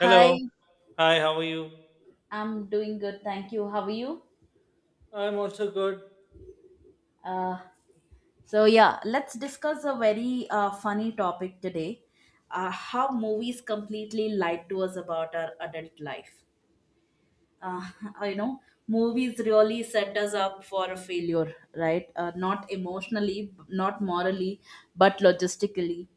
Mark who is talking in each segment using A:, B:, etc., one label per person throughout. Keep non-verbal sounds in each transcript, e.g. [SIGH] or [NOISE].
A: Hi,
B: Hi, how are you?
A: I'm doing good. Thank you. How are you?
B: I'm also good.
A: Uh, so, yeah, let's discuss a very funny topic today, how movies completely lied to us about our adult life. Uh, [LAUGHS] you know, movies really set us up for a failure, right? Not emotionally, not morally, but logistically.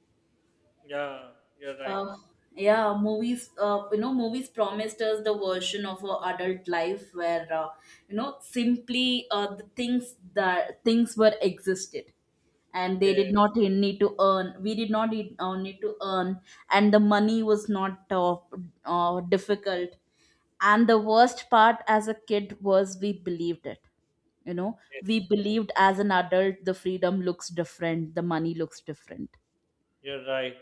B: Yeah, you're right.
A: Uh, yeah, movies. Movies promised us the version of our adult life where simply the things that things were existed, and they did
B: Yeah,
A: not need to earn. We did not need to earn, and the money was not difficult. And the worst part as a kid was we believed it. You know,
B: yes,
A: we believed as an adult the freedom looks different, the money looks different.
B: you're right.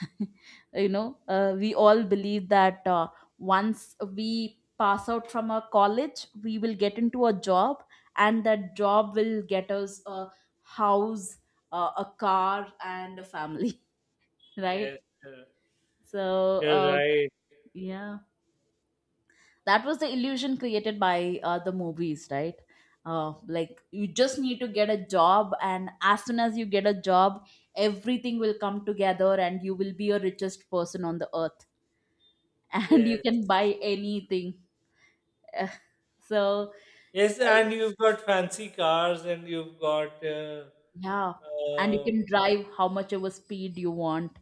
A: [LAUGHS] we all believe that, once we pass out from a college, we will get into a job, and that job will get us a house, a car, and a family. [LAUGHS]
B: Yes,
A: Right.
B: uh,
A: so
B: you're
A: uh,
B: right.
A: yeah, that was the illusion created by the movies, right? Like, you just need to get a job, and as soon as you get a job everything will come together and you will be a richest person on the earth. [LAUGHS] And you
B: Yes.
A: can buy anything. Uh, So,
B: Yes,
A: I,
B: and you've got fancy cars and you've got,
A: yeah, and you can
B: um,
A: drive how much of a speed you want.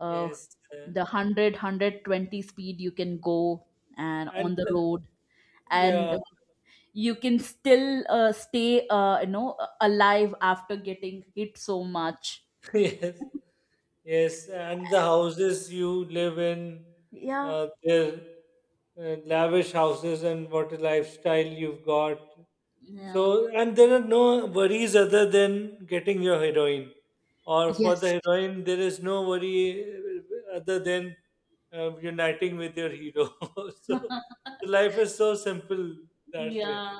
A: Uh,
B: yes, uh,
A: the 100, speed you can go, and
B: and
A: on the road. And
B: yeah,
A: you can still stay, alive after getting hit so much.
B: [LAUGHS] yes, yes, and the houses you live in,
A: Yeah.
B: they're lavish houses, and what a lifestyle you've got.
A: Yeah.
B: So, and there are no worries other than getting your heroin, or for
A: Yes.
B: the heroin, there is no worry other than uniting with your hero. [LAUGHS] So,
A: [LAUGHS]
B: life is so simple that way.
A: Yeah,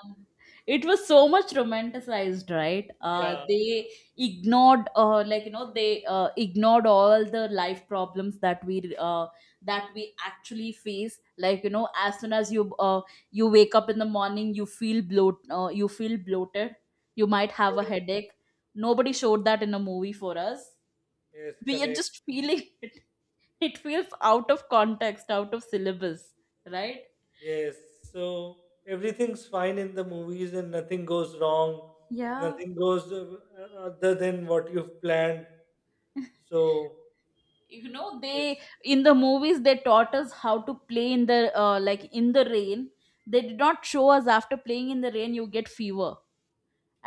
A: it was so much romanticized, right?
B: Yeah,
A: They ignored, like, they ignored all the life problems that we actually face. Like, as soon as you wake up in the morning, you feel bloated. You might have a
B: yes,
A: headache. Nobody showed that in a movie for us.
B: yes,
A: We are
B: correct.
A: just feeling [LAUGHS] it. It feels out of context, out of syllabus, right?
B: Yes, so everything's fine in the movies and nothing goes wrong.
A: Yeah.
B: Nothing goes other than what you've planned. So,
A: They,
B: yes.
A: in the movies, they taught us how to play in the, like, in the rain. They did not show us after playing in the rain you get fever,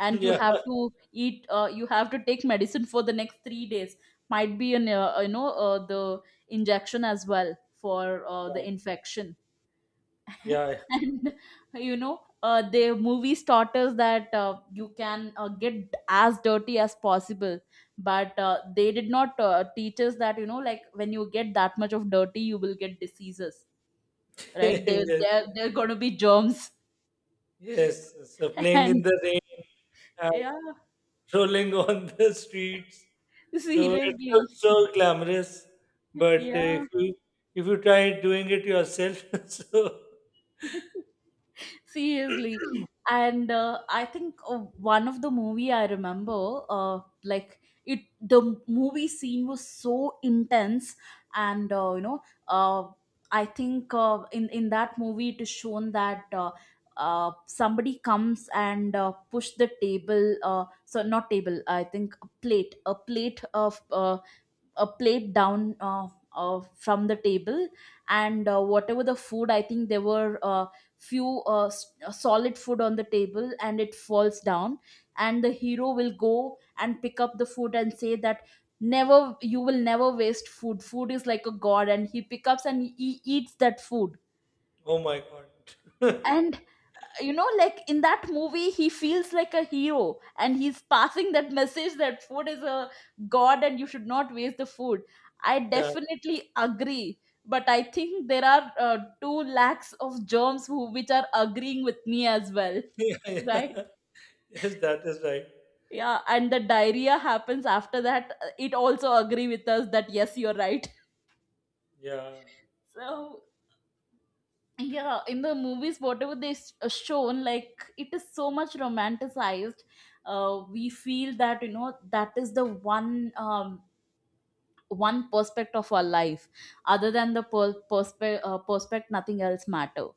B: [LAUGHS]
A: you
B: Yeah,
A: have to take medicine for the next 3 days. Might be an the injection as well for the infection.
B: yeah, yeah.
A: [LAUGHS] And the movie taught us that you can get as dirty as possible, but they did not teach us that, like, when you get that much of dirty you will get diseases.
B: [LAUGHS]
A: Right. there
B: Yes,
A: there there're going to be germs.
B: yes. So
A: [LAUGHS]
B: playing in
A: And
B: the rain, uh,
A: yeah.
B: strolling on [LAUGHS] the streets. So it
A: Seriously.
B: looks so glamorous, but
A: Yeah.
B: if you try doing it yourself, [LAUGHS] so
A: [LAUGHS] [LAUGHS] Seriously. And I think one of the movie I remember, the movie scene was so intense, and uh, I think in that movie it is shown that, somebody comes and push the table, so not table, I think a plate of a plate down, from the table, and whatever the food. I think there were few solid food on the table, and it falls down. And the hero will go and pick up the food and say that, never you will never waste food. Food is like a god. And he picks up and he eats that food.
B: oh my god,
A: And like, in that movie he feels like a hero, and he's passing that message that food is a god and you should not waste the food. I
B: yeah,
A: definitely agree, but I think there are 2 lakhs of germs who which are agreeing with me as well.
B: [LAUGHS] yeah,
A: Right.
B: yeah. [LAUGHS] Yes, that is right.
A: Yeah. And the diarrhea happens after that. It also agree with us that, yes, you're right.
B: Yeah,
A: [LAUGHS] So, yeah, in the movies, whatever they shown, like, it is so much romanticized. We feel that, that is the one perspect of our life. Other than the perspect, nothing else matter.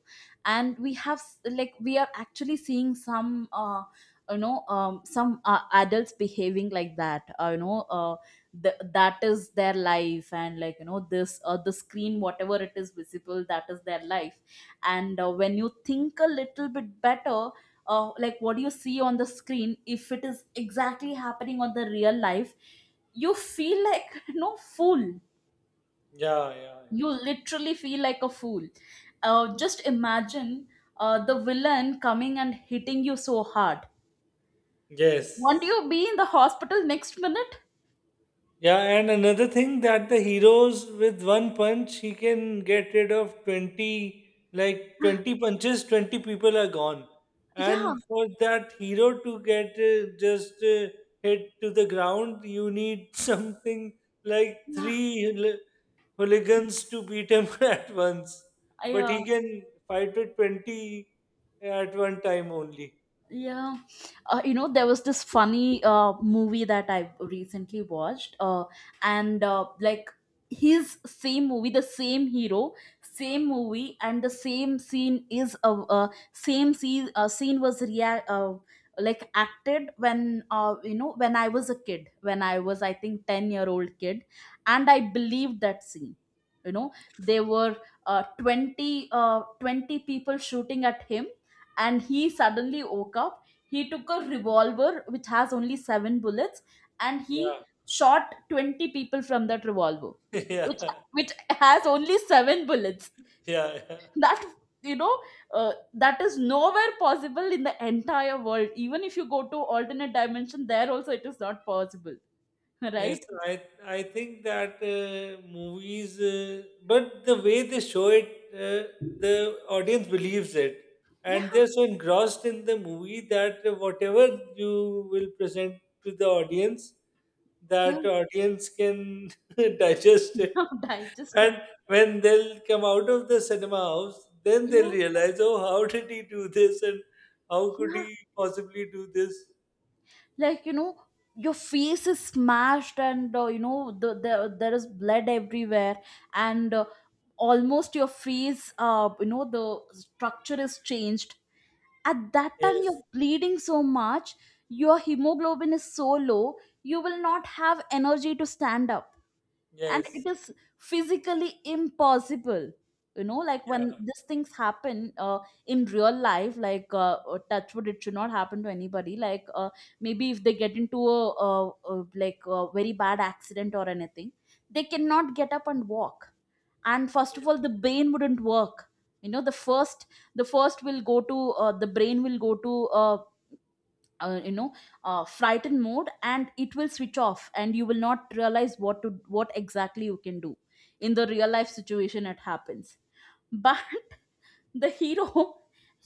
A: And we have s- like we are actually seeing some some adults behaving like that. That is their life. And this, the screen, whatever it is visible, that is their life. And when you think a little bit better, like, what you see on the screen, if it is exactly happening on the real life, you feel like [LAUGHS] no fool.
B: yeah, yeah, yeah.
A: You literally feel like a fool. Just imagine the villain coming and hitting you so hard. Won't
B: Yes.
A: you be in the hospital next minute?
B: Yeah, and another thing that the heroes with one punch he can get rid of 20, like 20 punches, 20 people are gone.
A: Yeah.
B: And for that hero to get just hit to the ground you need [LAUGHS] something like
A: Yeah.
B: 3 hooligans to beat him [LAUGHS] at once.
A: I,
B: But he
A: uh,
B: can fight with 20 at one time only.
A: Yeah. You know there was this funny movie that I recently watched, and like, his same movie, the same hero, same movie, and the same scene is a same scene. Scene was like acted when, when I was a kid, when I was, I think, 10-year old kid, and I believed that scene. You know, they were 20 people shooting at him, and he suddenly woke up. He took a revolver which has only 7 bullets, and he
B: Yeah.
A: shot 20 people from that revolver,
B: [LAUGHS]
A: which
B: Yeah,
A: which has only 7 bullets.
B: yeah, yeah.
A: [LAUGHS] That, you know that is nowhere possible in the entire world. Even if you go to alternate dimension, there also it is not possible. [LAUGHS]
B: Yes,
A: Right.
B: I think that movies, but the way they show it, the audience believes it,
A: Yeah.
B: and they're so engrossed in the movie that whatever you will present to the audience,
A: Yeah.
B: that audience can [LAUGHS] digest it.
A: [LAUGHS] Digest
B: And
A: it.
B: when they'll come out of the cinema house, then they'll
A: Yeah.
B: realize, oh, how did he do this, and how could
A: Yeah.
B: he possibly do this?
A: Like, your face is smashed, and there is blood everywhere. And almost your face, the structure is changed. At that time
B: Yes.
A: you're bleeding so much, your hemoglobin is so low, you will not have energy to stand up, and it
B: Yes,
A: is physically impossible. You know, like, when
B: yeah,
A: these things happen, in real life, like, touch wood, it should not happen to anybody. Like, maybe if they get into a like a very bad accident or anything, they cannot get up and walk. And first of all, the brain wouldn't work. You know, the first will go to, the brain will go to a uh, you know frightened mode, and it will switch off, and you will not realize what exactly you can do. In the real life situation it happens, but [LAUGHS] the hero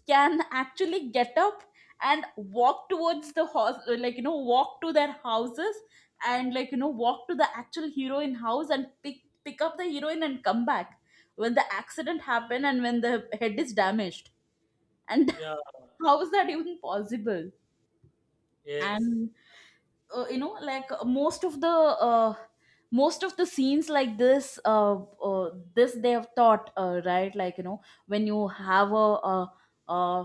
A: can actually get up and walk towards the house, like, walk to their houses. And like, walk to the actual heroine house and pick up the heroine and come back. When the accident happened and when the head is damaged, and,
B: yeah,
A: [LAUGHS] how is that even possible?
B: yes,
A: And like uh, most of the scenes like this, they have taught, right. Like, when you have a, uh, uh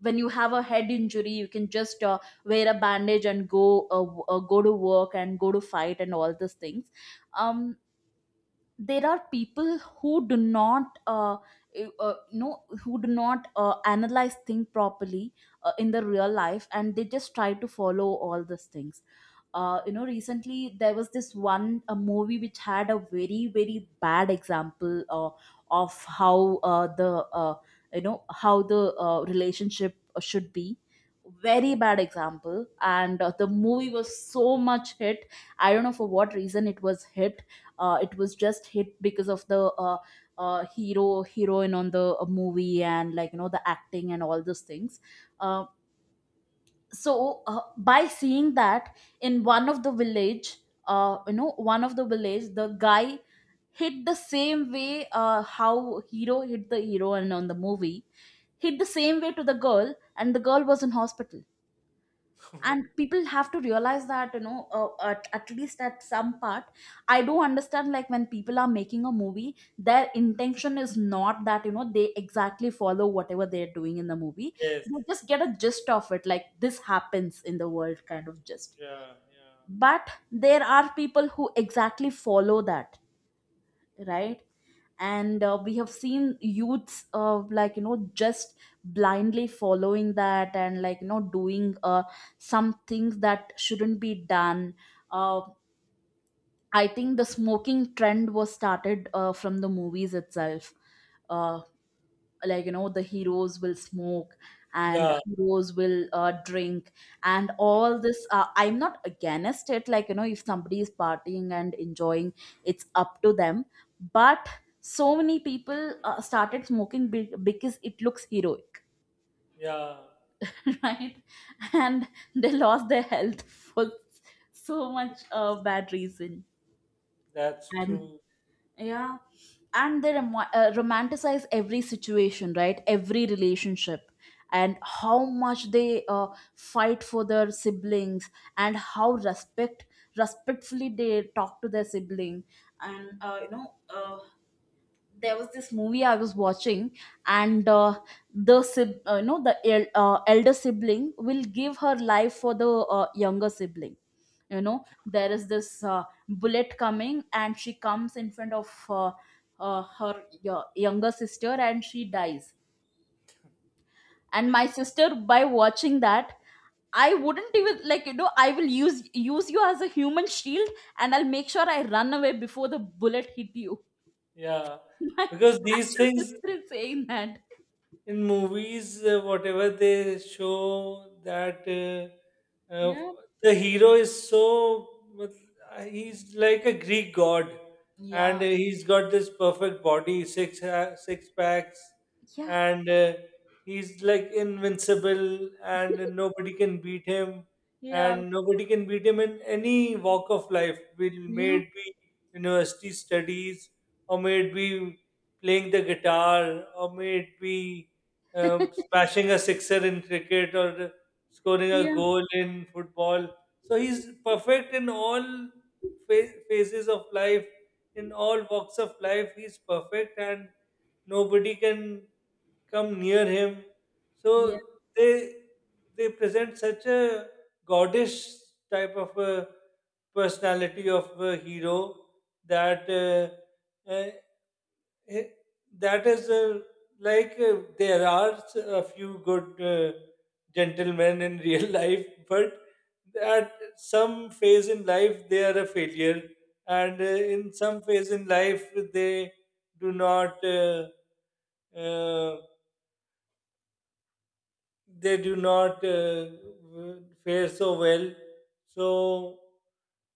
A: when you have a head injury, you can just wear a bandage and go to work and go to fight and all these things. Um, there are people who do not, you- uh no who do not analyze things properly, in the real life, and they just try to follow all these things. Recently, there was this one a movie which had a very very bad example of how the how the relationship should be. Very bad example. And the movie was so much hit. I don't know for what reason it was hit. It was just hit because of the, hero heroine on the movie, and like, the acting and all those things. Um, so by seeing that, in one of the village, one of the village, the guy hit the same way, how hero hit the hero and on the movie, hit the same way to the girl, and the girl was in hospital.
B: [LAUGHS]
A: And people have to realize that, at least at some part. I do understand, like, when people are making a movie, their intention is not that, they exactly follow whatever they're doing in the movie.
B: yes,
A: They just get a gist of it, like this happens in the world kind of gist.
B: yeah,
A: But there are people who exactly follow that. Right. And we have seen youths like, just blindly following that, and like, doing some things that shouldn't be done. uh, I think the smoking trend was started from the movies itself. uh, like, the heroes will smoke, and
B: yeah,
A: heroes will drink, and all this. I'm not against it. Like, if somebody is partying and enjoying, it's up to them. But so many people started smoking because it looks heroic.
B: yeah,
A: [LAUGHS] Right. And they lost their health [LAUGHS] for so
B: yeah,
A: much bad reason.
B: that's
A: And.
B: true.
A: Yeah. And they romanticize every situation, right? Every relationship. And how much they fight for their siblings, and how respectfully they talk to their sibling. And there was this movie I was watching, and the the elder sibling will give her life for the younger sibling. You know there is this bullet coming, and she comes in front of her younger sister, and she dies. And my sister, by watching that, I wouldn't even, like, I will use you as a human shield, and I'll make sure I run away before the bullet hit you.
B: Yeah,
A: [LAUGHS] My
B: because these
A: actual
B: things
A: sister is saying that.
B: in movies, whatever they show that
A: Yeah,
B: the hero is so he's like a Greek god,
A: yeah,
B: and he's got this perfect body, six packs,
A: yeah,
B: and he's like invincible, and nobody can beat him,
A: yeah,
B: and nobody can beat him in any walk of life. Will may
A: yeah,
B: it be university studies, or may it be playing the guitar, or may it be smashing a sixer in cricket or scoring a
A: yeah,
B: goal in football. So he's perfect in all phases of life, in all walks of life. He's perfect, and nobody can come near him. So
A: yeah,
B: they they present such a godish type of a personality of a hero that. Uh, uh, Eh, that. Is like there are a few good gentlemen in real [LAUGHS] life, but at some phase in life they are a failure, and in some phase in life do not uh, uh, they do not fare so well. So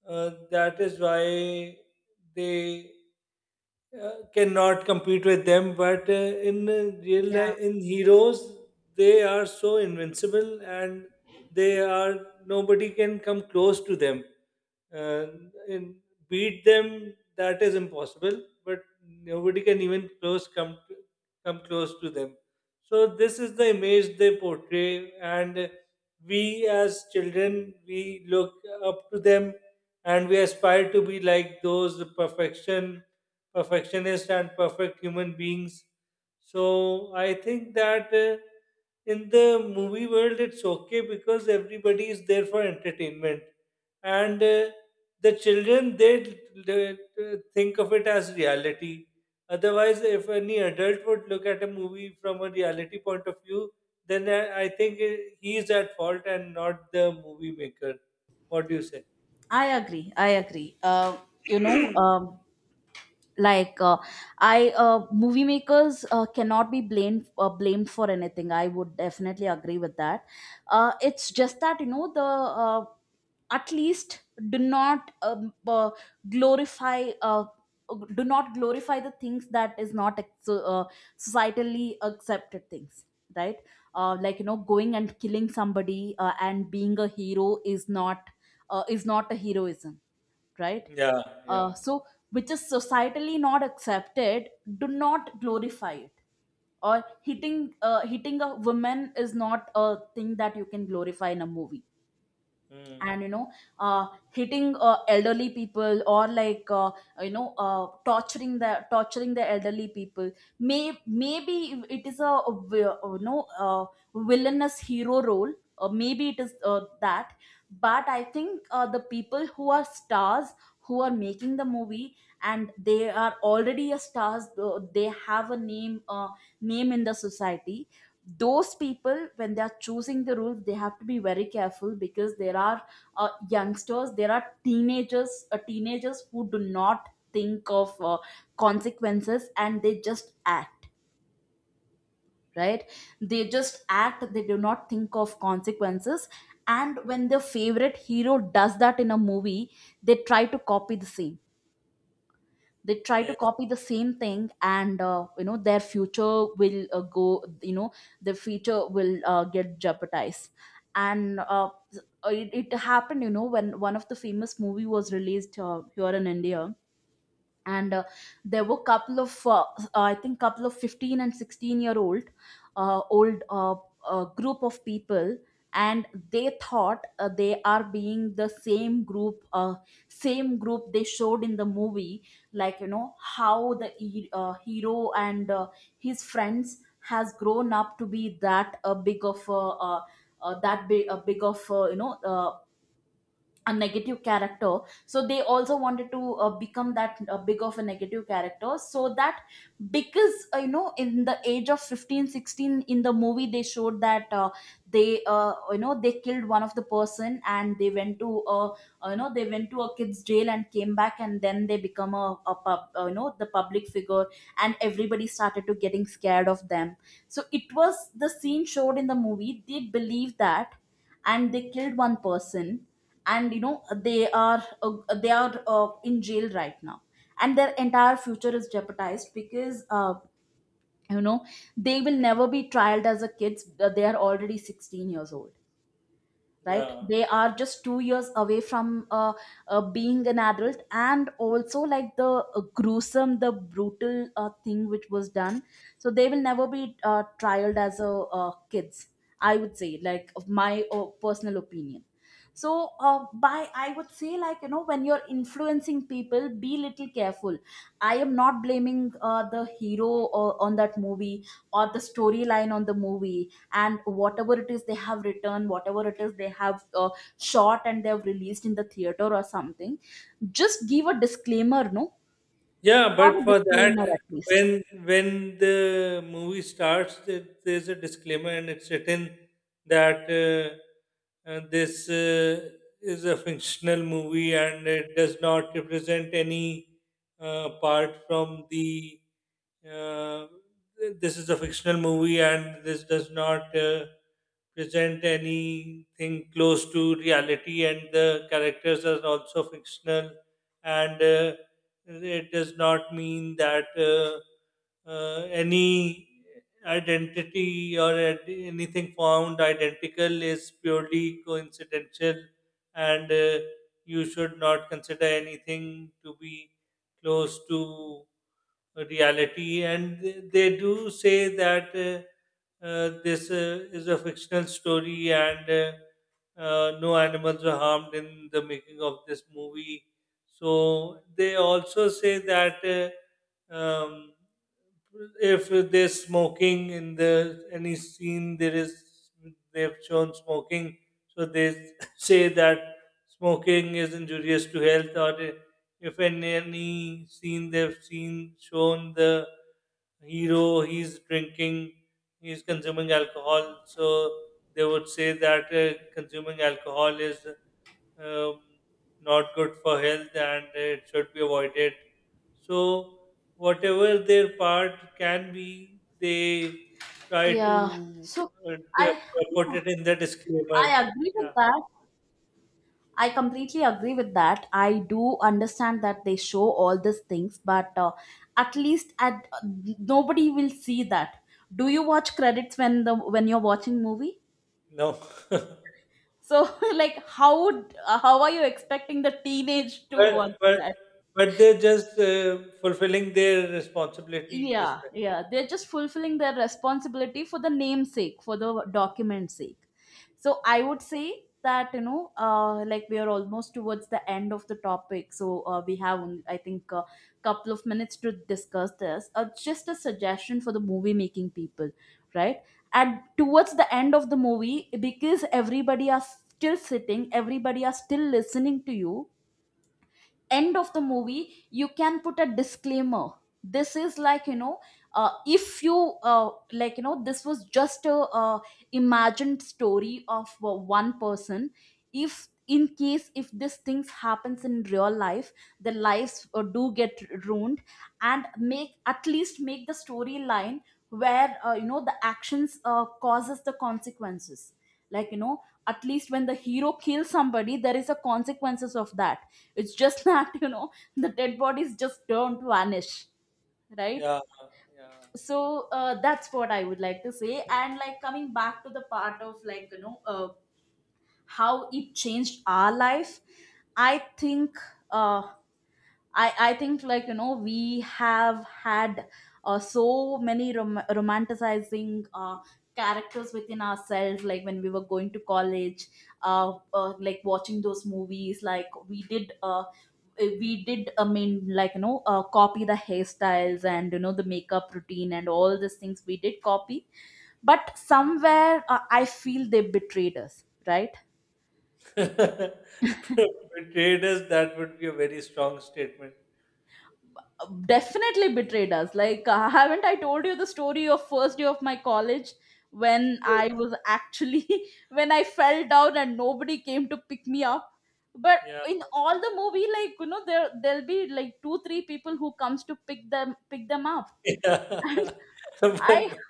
B: that is why they cannot compete with them but in real
A: yeah.
B: life in heroes they are so invincible and they are nobody can come close to them, uh, and beat them, that is impossible, but nobody can even close come close to them. So this is the image they portray, and we as children we look up to them and we aspire to be like those perfection perfectionist and perfect human beings. So I think that in the movie world it's okay because everybody is there for entertainment, and the children they think of it as reality. Otherwise, if any adult would look at a movie from a reality point of view, then I think he is at fault and not the movie maker. What do you say?
A: I agree, I agree. You know um like, I movie makers cannot be blamed for anything, I would definitely agree with that. It's just that, you know, the at least do not glorify. Do not glorify the things that is not societally accepted things, right like you know going and killing somebody and being a hero is not a heroism right?
B: Yeah, yeah.
A: So which is societally not accepted, do not glorify it. Or hitting a woman is not a thing that you can glorify in a movie.
B: Mm.
A: And, you know, hitting elderly people, or, like, torturing the elderly people, maybe it is a villainous hero role. Maybe it is that. But I think the people who are stars, who are making the movie, and they are already a stars, they have a name, name in the society. Those people, when they are choosing the rules, they have to be very careful, because there are youngsters, there are teenagers who do not think of consequences, and they just act, right? They just act, they do not think of consequences. And when their favorite hero does that in a movie, they try to copy the same, they try to
B: Yes,
A: copy the same thing. And their future will go, you know, their future will get jeopardized. And, it happened, you know, when one of the famous movie was released here in India. And there were couple of I think couple of 15 and 16 year old group of people. And they thought they are being the same group they showed in the movie. Like, you know, how the hero and his friends has grown up to be that big of a, uh, that big, big of, a negative character. So they also wanted to become that big of a negative character, so that, because, you know, in the age of 15, 16, in the movie they showed that, they they killed one of the person, and they went to, they went to a kid's jail and came back, and then they become a pub, you know the public figure. And everybody started to getting scared of them. So it was the scene showed in the movie, they believe that, and they killed one person. And, you know, they are in jail right now. And their entire future is jeopardized because, you know, they will never be trialed as a kids. They are already 16 years old, right?
B: yeah.
A: They are just 2 years away from uh, being an adult, and also, like, the gruesome, the brutal thing which was done. So they will never be trialed as a kids, I would say, like, of my personal opinion. So, by I would say, like, you know, when you're influencing people, be little careful. I am not blaming the hero on that movie, or the storyline on the movie, and whatever it is they have written, whatever it is they have shot and they have released in the theater or something. Just give a disclaimer, no?
B: Yeah,
A: Have
B: but
A: a
B: for that,
A: disclaimer at least.
B: when the movie starts, there's a disclaimer, and it's written that this is a fictional movie and it does not represent any part from the. Uh, this is a fictional movie, and this does not present anything close to reality, and the characters are also fictional, and it does not mean that any identity or anything found identical is purely coincidental, and you should not consider anything to be close to reality. And they do say that this is a fictional story and no animals were harmed in the making of this movie. So they also say that um, if they're smoking in the any scene there is they've shown smoking, so they [LAUGHS] say that smoking is injurious to health. Or if in any scene they've seen shown the hero he's drinking, he's consuming alcohol, so they would say that consuming alcohol is um, not good for health and it should be avoided. So, whatever their part can be, they try
A: Yeah. So i
B: to put
A: yeah,
B: it in the disclaimer.
A: I agree with
B: Yeah,
A: that. I completely agree with that. I do understand that they show all these things, but at least at, nobody will see that. Do you watch credits when the when you're watching movie?
B: no. [LAUGHS]
A: So, [LAUGHS] like, how are you expecting the teenage to watch
B: But,
A: that?
B: but they're just fulfilling their responsibility this
A: Yeah,
B: way.
A: yeah. They're just fulfilling their responsibility for the namesake, for the document sake. So I would say that, you know, like, we are almost towards the end of the topic. So we have, only, I think, a couple of minutes to discuss this. Just a suggestion for the movie making people, right? And towards the end of the movie, because everybody are still sitting, everybody are still listening to you, end of the movie you can put a disclaimer. This is, like, you know, if you like, you know, this was just a uh, imagined story of one person. If in case, if these things happens in real life, the lives do get ruined. And make at least make the storyline where, you know, the actions causes the consequences. Like, you know, at least when the hero kills somebody, there is a consequences of that. It's just [LAUGHS] that, you know, the dead bodies just don't vanish, right?
B: Yeah, yeah,
A: So that's what I would like to say. And, like, coming back to the part of, like, you know, how it changed our life, I think, uh, I think, like, you know, we have had so many romanticizing characters within ourselves, like when we were going to college, like watching those movies, like, we did, I mean, like, you know, copy the hairstyles, and, you know, the makeup routine, and all these things, we did copy. But somewhere I feel they betrayed us, right?
B: yeah. [LAUGHS] Betrayed us, that would be a very strong statement.
A: Definitely betrayed us. Like, haven't I told you the story of first day of my college, when I was actually [LAUGHS] when I fell down and nobody came to pick me up. But
B: Yeah.
A: in all the movie, like, you know, there'll be like two three people who comes to pick them up.
B: [LAUGHS]
A: [LAUGHS]
B: Yeah.
A: And
B: [LAUGHS]
A: i
B: But,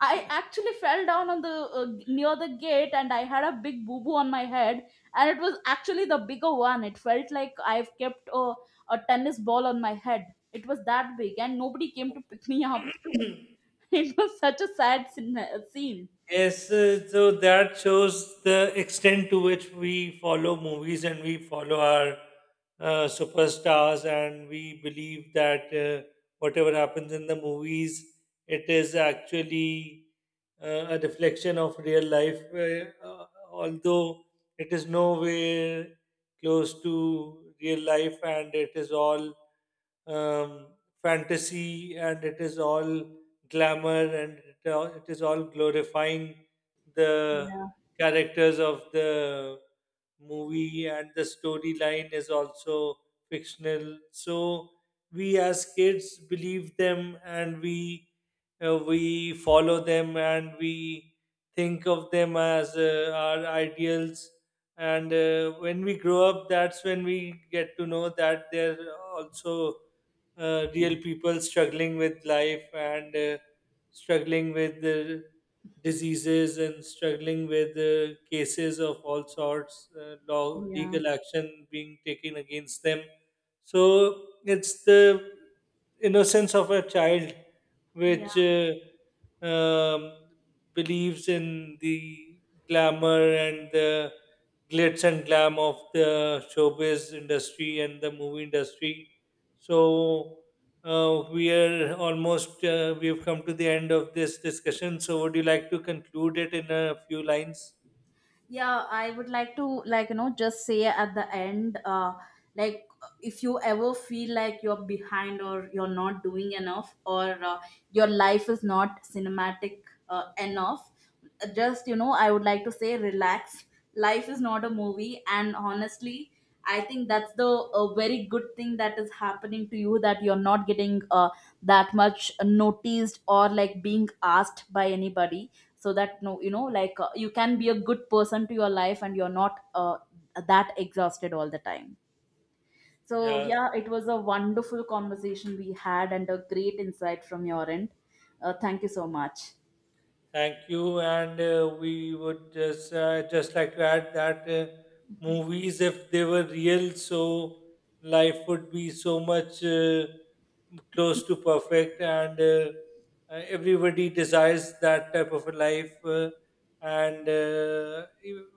A: I actually fell down on the, near the gate, and I had a big boo boo on my head. And it was actually the bigger one. It felt like I've kept a tennis ball on my head. It was that big, and nobody came to pick me up. [LAUGHS] It was such a sad scene.
B: yes, so that shows the extent to which we follow movies and we follow our superstars, and we believe that whatever happens in the movies, it is actually a reflection of real life, although it is nowhere close to real life, and it is all um, fantasy, and it is all glamour, and it is all glorifying the characters of the movie, and the storyline is also fictional. So we as kids believe them and we follow them and we think of them as our ideals, and when we grow up that's when we get to know that they're also real people struggling with life and struggling with diseases and struggling with cases of all sorts, law,
A: Yeah.
B: legal action being taken against them. So it's the innocence of a child which um, believes in the glamour and the glitz and glam of the showbiz industry and the movie industry. So we are almost we have come to the end of this discussion. So would you like to conclude it in a few lines?
A: Yeah, I would like to, like, you know, just say at the end, like, if you ever feel like you're behind, or you're not doing enough, or your life is not cinematic enough, just, you know, I would like to say, relax. Life is not a movie. And honestly, I think that's the a very good thing that is happening to you, that you're not getting that much noticed, or, like, being asked by anybody. So that no, you know, like, you can be a good person to your life, and you're not that exhausted all the time. So
B: Yeah.
A: yeah, it was a wonderful conversation we had, and a great insight from your end. Thank you so much.
B: Thank you, and we would just like to add that movies, if they were real, so life would be so much close to perfect, and everybody desires that type of a life, and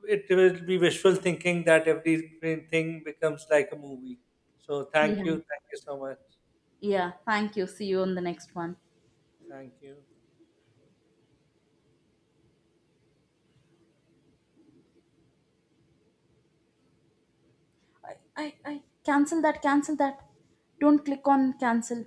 B: it will be wishful thinking that everything becomes like a movie. So,
A: Yeah.
B: thank you so much,
A: Yeah, thank you. See you on the next one.
B: thank you.
A: I i, I cancel that, cancel that. Don't click on cancel.